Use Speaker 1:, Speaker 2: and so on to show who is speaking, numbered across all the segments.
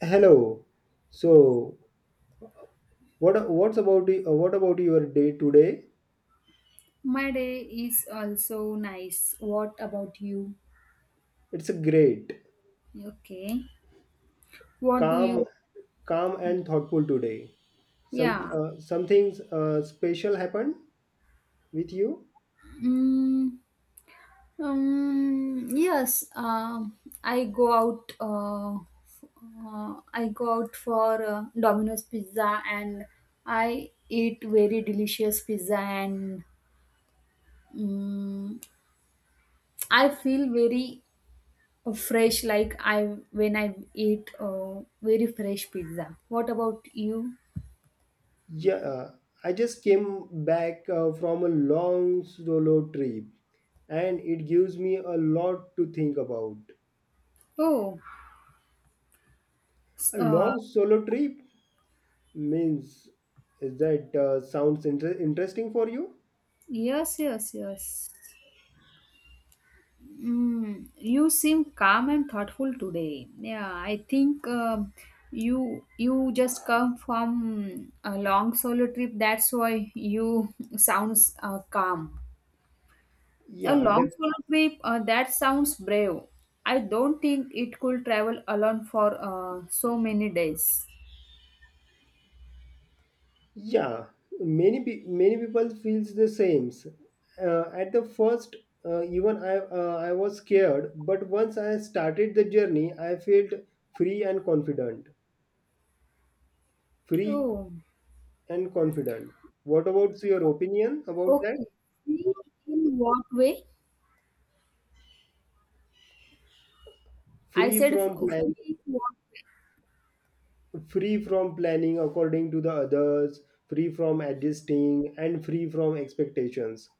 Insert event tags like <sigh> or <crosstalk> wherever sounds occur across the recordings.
Speaker 1: Hello. So, what about your day today?
Speaker 2: My day is also nice. What about you?
Speaker 1: It's great,
Speaker 2: Okay. What do
Speaker 1: calm,
Speaker 2: you?
Speaker 1: calm and thoughtful today. Some
Speaker 2: Yeah.
Speaker 1: uh, something uh, special happened with you?
Speaker 2: Mm, yes. I go out. I go out for Domino's pizza, and I eat very delicious pizza, and um, I feel very fresh. Like I when I eat very fresh pizza. What about you?
Speaker 1: Yeah, uh, I just came back from a long solo trip, and it gives me a lot to think about.
Speaker 2: Oh. s-
Speaker 1: A
Speaker 2: Uh,
Speaker 1: long solo trip means is that sounds interesting for you?
Speaker 2: Yes, yes, yes. You seem calm and thoughtful today. Yeah, I think you just come from a long solo trip. That's why you <laughs> sounds calm. A
Speaker 1: Yeah,
Speaker 2: long
Speaker 1: def-
Speaker 2: solo trip that sounds brave. I don't think it could travel alone for so many days.
Speaker 1: Yeah, many people feels the same. At the first, even I was scared, but once I started the journey, I felt free and confident. Free
Speaker 2: Oh,
Speaker 1: and confident. What about your opinion about that?
Speaker 2: okay. Free in what way? I
Speaker 1: Free
Speaker 2: said f-
Speaker 1: from plan.
Speaker 2: free in what
Speaker 1: Free from planning according to the others, free from adjusting, and free from expectations.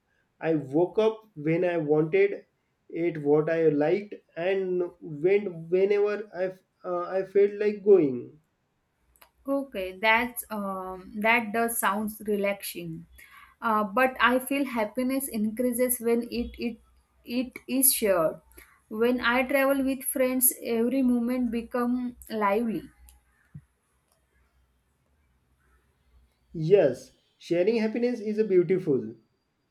Speaker 1: I woke up when I wanted, ate what I liked, and went whenever I felt like going.
Speaker 2: Okay, that does sounds relaxing, but I feel happiness increases when it is shared. When I travel with friends, every moment become lively.
Speaker 1: Yes, sharing happiness is a beautiful.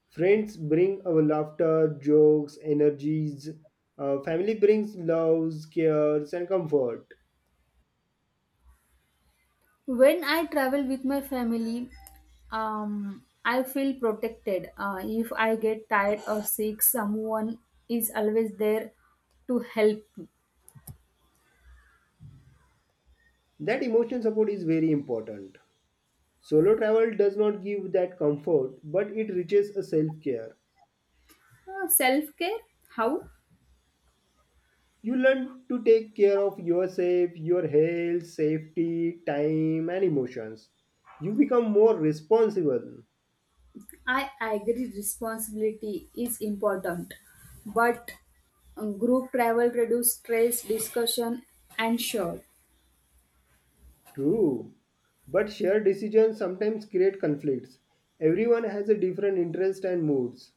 Speaker 1: Friends bring our laughter, jokes, energies. Family brings loves, cares, and comfort.
Speaker 2: When I travel with my family, I feel protected. If I get tired or sick, someone is always there to help me.
Speaker 1: That emotional support is very important. Solo travel does not give that comfort, but it reaches a self care.
Speaker 2: Self care, how?
Speaker 1: You learn to take care of yourself, your health, safety, time, and emotions. You become more responsible.
Speaker 2: I agree responsibility is important, but group travel reduce stress, discussion, and sure.
Speaker 1: True. But shared decisions sometimes create conflicts. Everyone has a different interest and moods.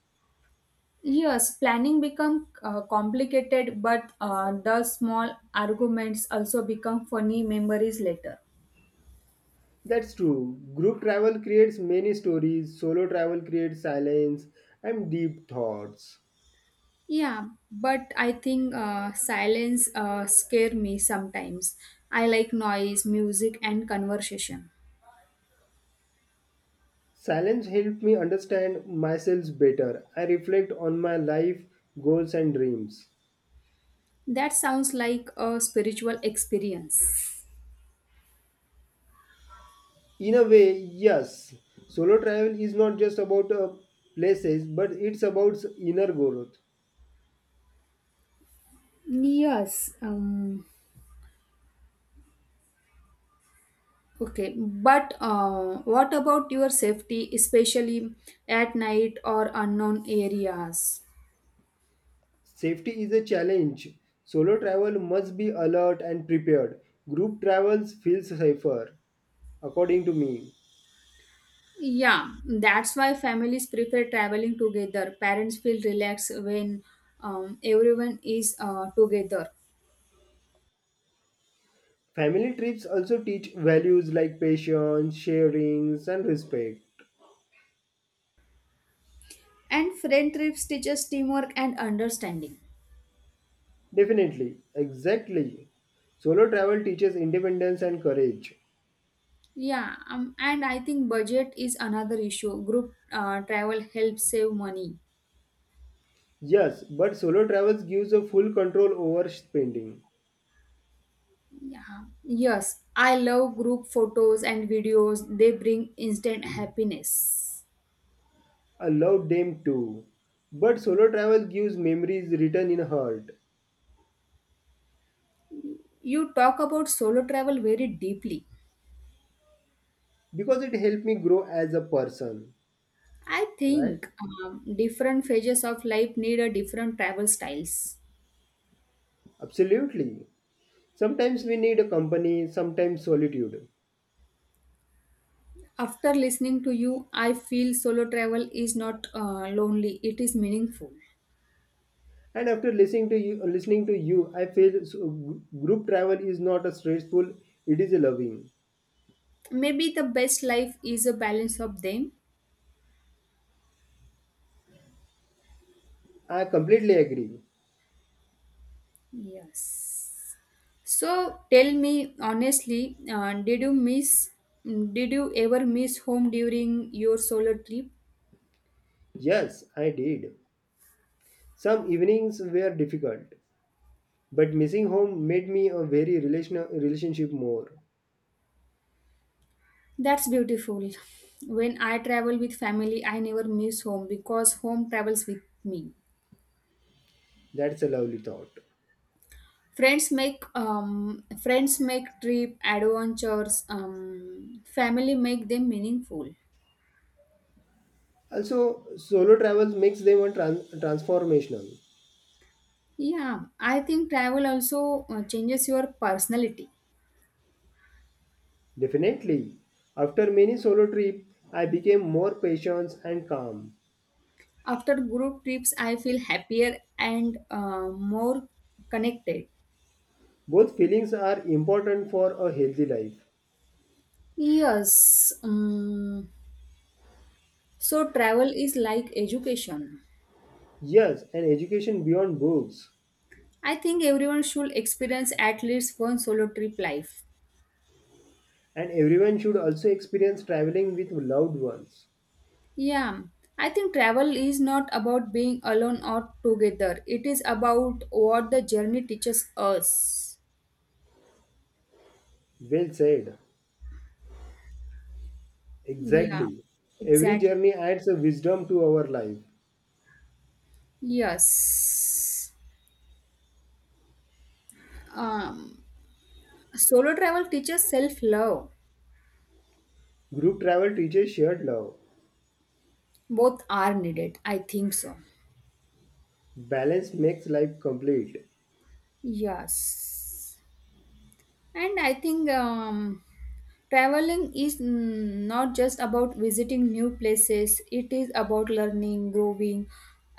Speaker 2: Yes, planning become complicated, but the small arguments also become funny memories later.
Speaker 1: That's true. Group travel creates many stories, solo travel creates silence and deep thoughts.
Speaker 2: Yeah, but I think silence scare me sometimes. I like noise, music, and conversation.
Speaker 1: Silence helped me understand myself better. I reflect on my life, goals, and dreams.
Speaker 2: That sounds like a spiritual experience.
Speaker 1: In a way, yes, solo travel is not just about places, but it's about inner growth.
Speaker 2: Yes, um, Okay, but what about your safety, especially at night or unknown areas?
Speaker 1: Safety is a challenge. Solo travel must be alert and prepared. Group travels feels safer, according to me.
Speaker 2: Yeah, that's why families prefer traveling together. Parents feel relaxed when everyone is together.
Speaker 1: Family trips also teach values like patience, sharing, and respect.
Speaker 2: And friend trips teaches teamwork and understanding.
Speaker 1: Definitely, exactly. Solo travel teaches independence and courage.
Speaker 2: Yeah, and I think budget is another issue. Group travel helps save money.
Speaker 1: Yes, but solo travels gives a full control over spending.
Speaker 2: Yeah. Yes, I love group photos and videos. They bring instant happiness.
Speaker 1: I love them too. But solo travel gives memories written in heart
Speaker 2: You talk about solo travel very deeply.
Speaker 1: because it helped me grow as a person,
Speaker 2: I
Speaker 1: right?
Speaker 2: think different phases of life need a different travel styles.
Speaker 1: Absolutely. Sometimes we need a company, sometimes solitude.
Speaker 2: After listening to you, I feel solo travel is not lonely, it is meaningful.
Speaker 1: And after listening to you, I feel so, group travel is not a stressful; it is a loving.
Speaker 2: Maybe the best life is a balance of them.
Speaker 1: I completely agree.
Speaker 2: Yes. So tell me honestly, Did you ever miss home during your solo trip?
Speaker 1: Yes, I did. Some evenings were difficult, but missing home made me a very relational relationship more.
Speaker 2: That's beautiful. When I travel with family, I never miss home because home travels with me.
Speaker 1: That's a lovely thought.
Speaker 2: Friends make trip adventures. Family make them meaningful.
Speaker 1: Also, solo travels makes them a transformational.
Speaker 2: Yeah, I think travel also changes your personality.
Speaker 1: Definitely. After many solo trip, I became more patient and calm.
Speaker 2: After group trips, I feel happier and more connected.
Speaker 1: Both feelings are important for a healthy life.
Speaker 2: Yes. um, so travel is like education.
Speaker 1: Yes, and education beyond books.
Speaker 2: I think everyone should experience at least one solo trip life.
Speaker 1: And everyone should also experience traveling with loved ones.
Speaker 2: Yeah. I think travel is not about being alone or together. It is about what the journey teaches us.
Speaker 1: Well said.
Speaker 2: Yeah.
Speaker 1: Exactly. Every
Speaker 2: Exactly.
Speaker 1: journey adds a wisdom to our life.
Speaker 2: Yes. Um, Solo travel teaches self love.
Speaker 1: Group travel teaches shared love.
Speaker 2: Both are needed, I think so.
Speaker 1: Balance makes life complete.
Speaker 2: Yes and I think Traveling is not just about visiting new places, it is about learning, growing,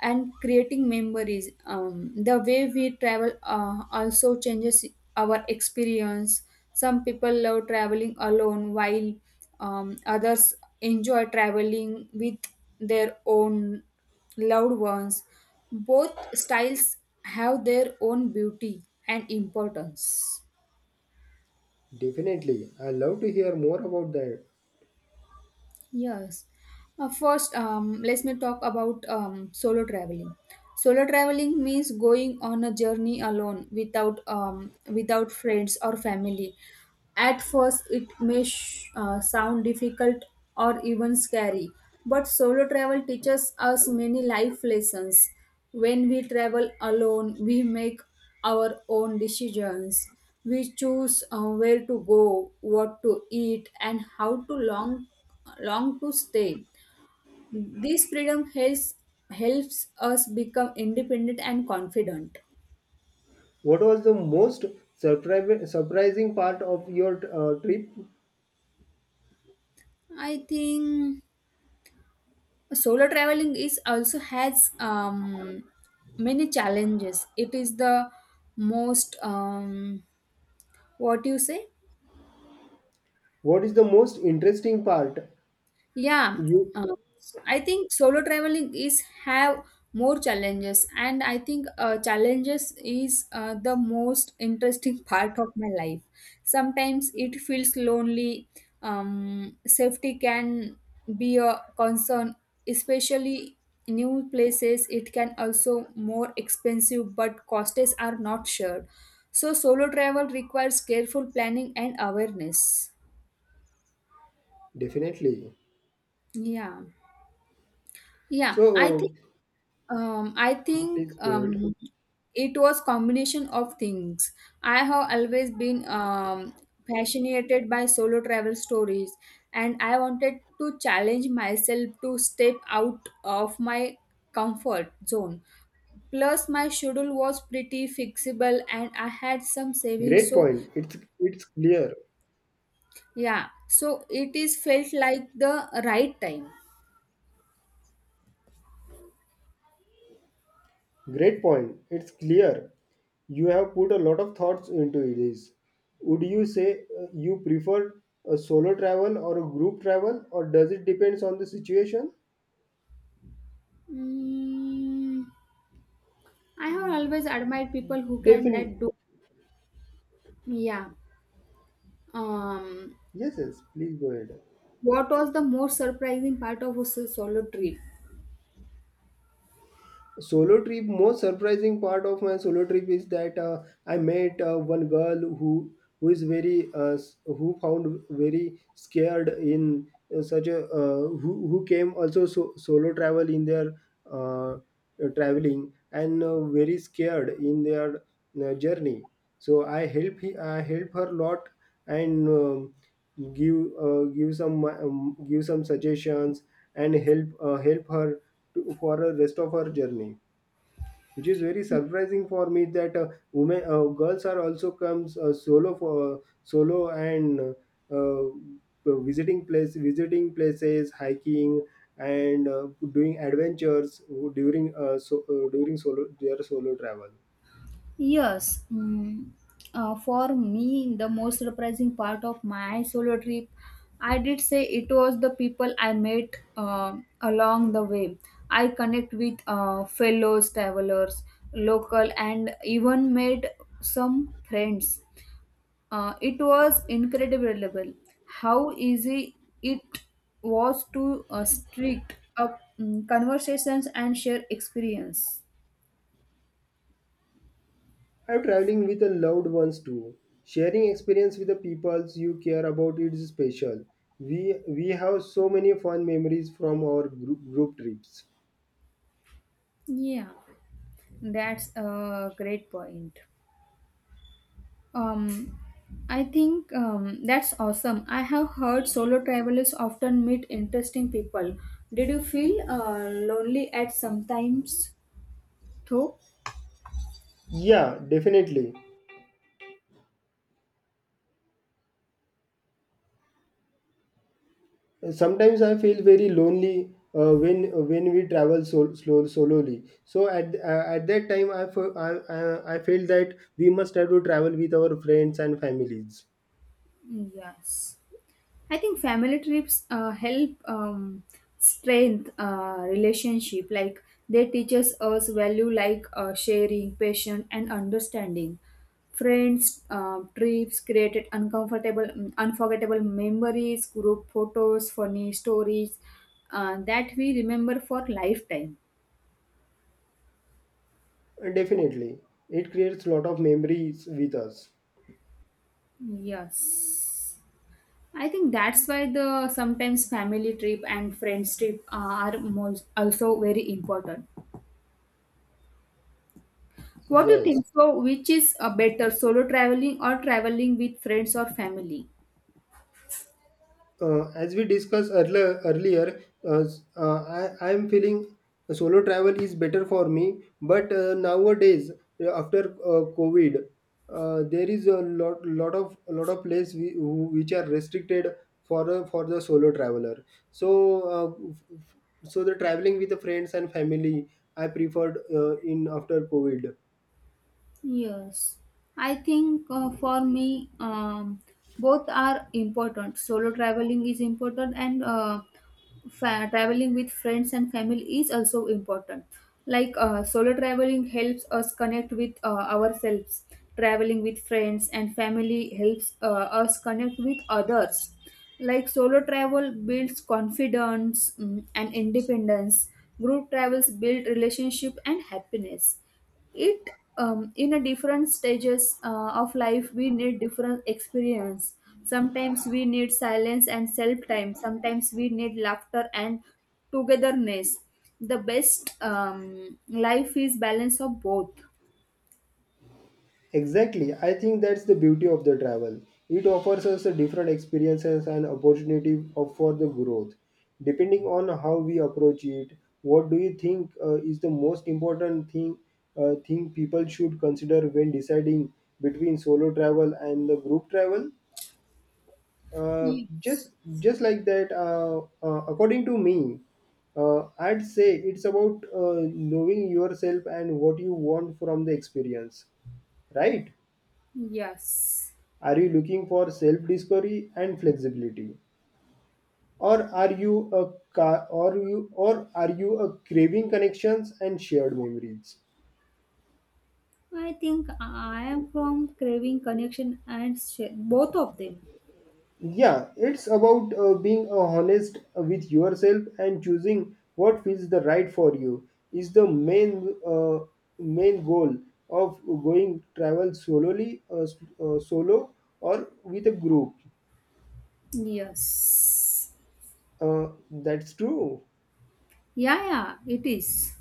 Speaker 2: and creating memories. The way we travel also changes our experience. Some people love traveling alone, while others enjoy traveling with their own loved ones. Both styles have their own beauty and importance.
Speaker 1: Definitely. I love to hear more about that.
Speaker 2: Yes. Let me talk about solo traveling. Solo traveling means going on a journey alone without without friends or family. At first, it may sound difficult or even scary, but solo travel teaches us many life lessons. When we travel alone, we make our own decisions. We choose where to go, what to eat, and long to stay. This freedom helps, helps us become independent and confident.
Speaker 1: What was the most surprising part of your trip?
Speaker 2: I think solo traveling is also has many challenges. It is the most what you say
Speaker 1: What is the most interesting part?
Speaker 2: Yeah,
Speaker 1: You
Speaker 2: uh, I think solo traveling is have more challenges, and I think challenges is the most interesting <laughs> part of my life. Sometimes it feels lonely. Safety can be a concern, especially new places. It can also more expensive, but costs are not shared. So solo travel requires careful planning and awareness.
Speaker 1: definitely.
Speaker 2: Yeah. Yeah,
Speaker 1: So, uh,
Speaker 2: I
Speaker 1: yeah,
Speaker 2: think
Speaker 1: please go ahead.
Speaker 2: It was combination of things. I have always been fascinated by solo travel stories, and I wanted to challenge myself to step out of my comfort zone. Plus, my schedule was pretty fixable, and I had some savings.
Speaker 1: Great
Speaker 2: So
Speaker 1: point. It's clear.
Speaker 2: yeah, so it is felt like the right time.
Speaker 1: Great point. It's clear you have put a lot of thoughts into this. Would you say you prefer a solo travel or a group travel, or does it depends on the situation?
Speaker 2: Mm, I have always admired people who can
Speaker 1: Definitely.
Speaker 2: that do. Yeah. Um,
Speaker 1: Yes, yes. Please go ahead.
Speaker 2: what was the most surprising part of his solo trip?
Speaker 1: Solo trip most surprising part of my solo trip is that I met one girl who is very who found very scared in such a who came also so, solo travel in their uh, traveling and very scared in their journey so I I help her lot and give give some suggestions and help her to, for the rest of her journey, which is very surprising for me that women girls are also comes solo for solo and visiting places hiking and doing adventures during during solo their solo travel.
Speaker 2: Yes, mm, for me, the most surprising part of my solo trip, I did say it was the people I met along the way. I connect with fellows travelers, local, and even made some friends. It was incredible how easy it was to strict up conversations and share experience.
Speaker 1: I'm traveling with the loved ones too. Sharing experience with the peoples you care about is special. We have so many fun memories from our group trips.
Speaker 2: Yeah, that's a great point. Um, I think That's awesome. I have heard solo travelers often meet interesting people. Did you feel lonely at sometimes? Though,
Speaker 1: Yeah, definitely. Sometimes I feel very lonely when we travel so, slow solely. So at that time, I, fe- I felt that we must have to travel with our friends and families.
Speaker 2: yes. I think family trips help strength relationship. Like they teaches us value like sharing, patience, and understanding. Friends trips created unforgettable memories. Group photos, funny stories that we remember for lifetime.
Speaker 1: Definitely, it creates lot of memories with us.
Speaker 2: Yes, I think that's why the sometimes family trip and friends trip are most also very important. What do you
Speaker 1: Yes.
Speaker 2: think? So, which is a better, solo traveling or traveling with friends or family?
Speaker 1: As we discussed earlier uh, I am feeling solo travel is better for me. But nowadays, after COVID, there is a lot of places which are restricted for the solo traveler. So, so the traveling with the friends and family, I preferred in after COVID.
Speaker 2: Yes, I think for me, Both are important. Solo traveling is important, and traveling with friends and family is also important. Like solo traveling helps us connect with ourselves. Traveling with friends and family helps us connect with others. Like solo travel builds confidence and independence. Group travels build relationship and happiness it in a different stages of life we need different experience. Sometimes we need silence and self time, sometimes we need laughter and togetherness. The best life is balance of both.
Speaker 1: Exactly. I think that's the beauty of the travel. It offers us a different experiences and opportunity of- for the growth. Depending on how we approach it, what do you think is the most important thing people should consider when deciding between solo travel and the group travel? Uh,
Speaker 2: Yes.
Speaker 1: just just like that, according to me, I'd say it's about knowing yourself and what you want from the experience, right?
Speaker 2: Yes,
Speaker 1: Are you looking for self-discovery and flexibility? Or are you a ca- or you or are you a craving connections and shared memories?
Speaker 2: I think I am from craving connection and share, both of them.
Speaker 1: Yeah, it's about being honest with yourself and choosing what feels the right for you is the main main goal of going travel solely solo or with a group.
Speaker 2: Yes.
Speaker 1: That's true.
Speaker 2: Yeah, yeah, it is.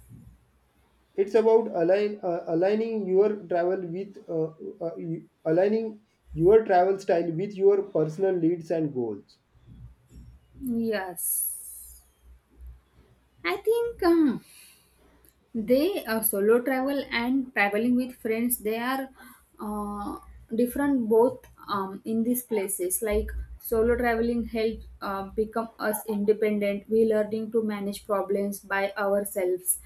Speaker 1: It's about aligning your travel with aligning your travel style with your personal needs and goals.
Speaker 2: Yes I think They solo travel and traveling with friends they are uh, different both in these places. Like solo traveling helps become us independent. We learning to manage problems by ourselves.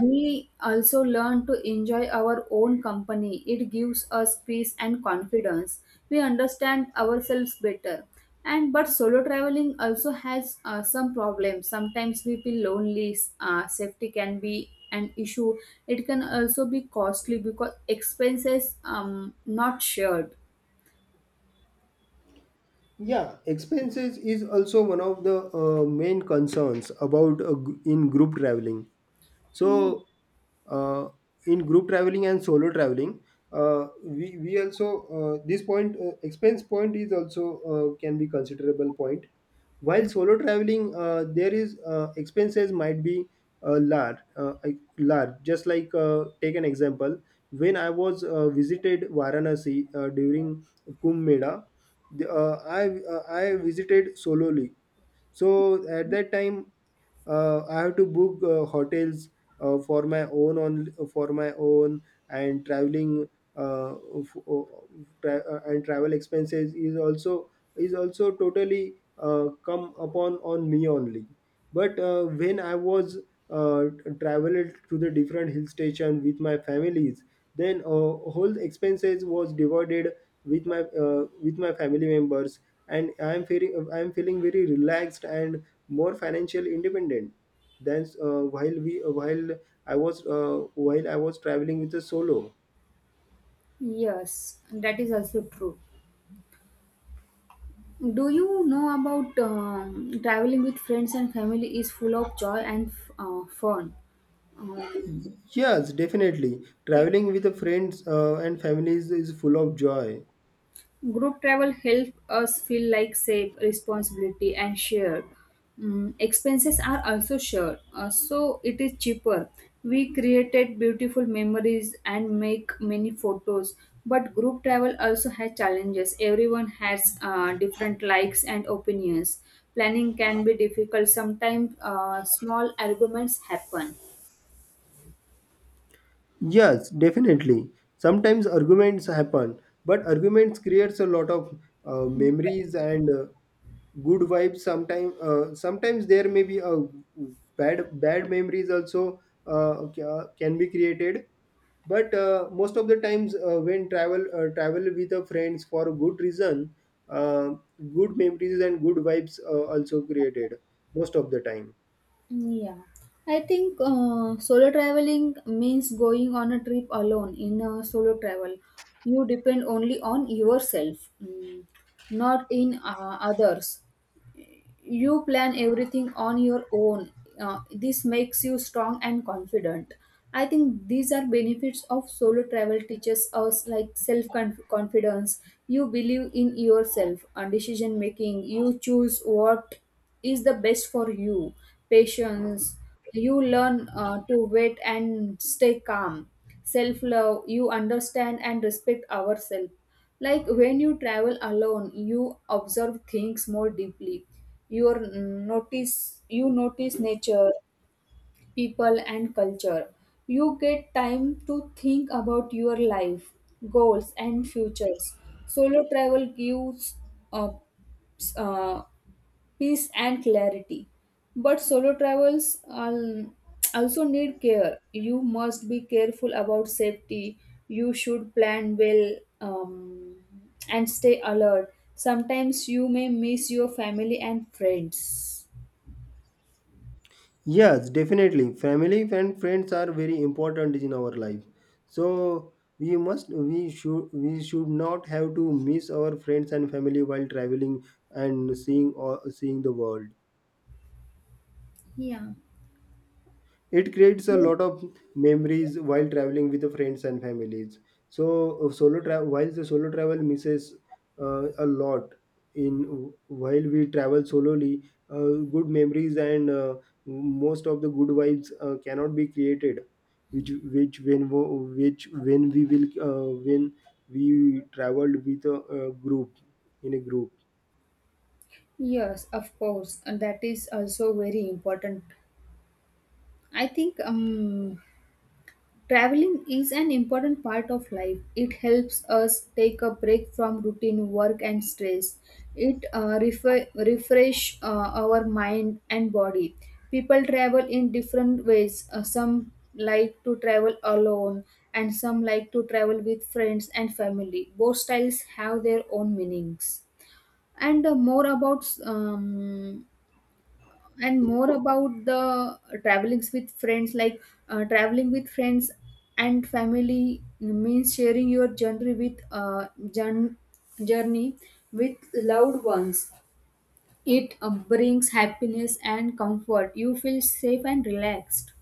Speaker 2: We also learn to enjoy our own company, it gives us peace and confidence. We understand ourselves better. And but solo traveling also has some problems. Sometimes we feel lonely, safety can be an issue. It can also be costly because expenses not shared.
Speaker 1: Yeah, expenses is also one of the main concerns about in group traveling. So uh, in group traveling and solo traveling, we also this point, expense point is also can be considerable point. While solo traveling there is expenses might be large, large, just like take an example. When I was visited Varanasi during Kumbh Mela, the, I I visited solo. So at that time, I have to book hotels uh, for my own on for my own, and traveling uh, f- o- and travel expenses is also totally come upon on me only. But when I was uh, traveled to the different hill station with my families, then whole expenses was divided with my family members, and I'm feeling very relaxed and more financially independent than while I was traveling with a solo.
Speaker 2: Yes, that is also true. Do you know about traveling with friends and family is full of joy and fun um,
Speaker 1: Yes, definitely, traveling with the friends and families is full of joy.
Speaker 2: Group travel helps us feel like safe, responsibility, and shared. Expenses are also shared, so it is cheaper. We created beautiful memories and make many photos. But group travel also has challenges. Everyone has different likes and opinions. Planning can be difficult. Sometimes small arguments happen.
Speaker 1: Yes, definitely. Sometimes arguments happen, but arguments creates a lot of memories and good vibes. Sometimes, sometimes there may be a bad memories also can be created. But most of the times, when travel with the friends for a good reason, uh, good memories and good vibes also created most of the time.
Speaker 2: Yeah, I think solo traveling means going on a trip alone in a solo travel. You depend only on yourself, not in others. You plan everything on your own. Uh, this makes you strong and confident. I think these are benefits of solo travel. Teaches us like self confidence, you believe in yourself and decision making. You choose what is the best for you. Patience, you learn to wait and stay calm. Self love, you understand and respect ourselves. Like when you travel alone, you observe things more deeply. You notice you notice nature, people and culture. You get time to think about your life, goals and futures. Solo travel gives uh, s- uh, peace and clarity. But solo travels also need care. You must be careful about safety. You should plan well um, and stay alert. Sometimes you may miss your family and friends.
Speaker 1: Yes, definitely. Family and friends are very important in our life. So we should not have to miss our friends and family while traveling and seeing or seeing the world.
Speaker 2: Yeah.
Speaker 1: It creates a lot of memories while traveling with the friends and families. So solo travel while the solo travel misses a lot in while we travel solely, good memories and most of the good vibes cannot be created. Which when we will when we traveled with a group, in a group.
Speaker 2: Yes, of course, and that is also very important. I think Traveling is an important part of life. It helps us take a break from routine work and stress. It refresh our mind and body. People travel in different ways. Some like to travel alone and some like to travel with friends and family. Both styles have their own meanings. And more about and more about the travelings with friends. Like traveling with friends and family means sharing your journey with journey with loved ones. It brings happiness and comfort, you feel safe and relaxed.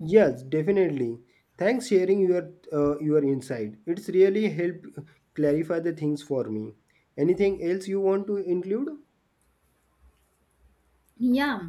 Speaker 1: Yes, definitely. Thanks sharing your insight. It's really helped clarify the things for me. Anything else you want to include?
Speaker 2: Yeah,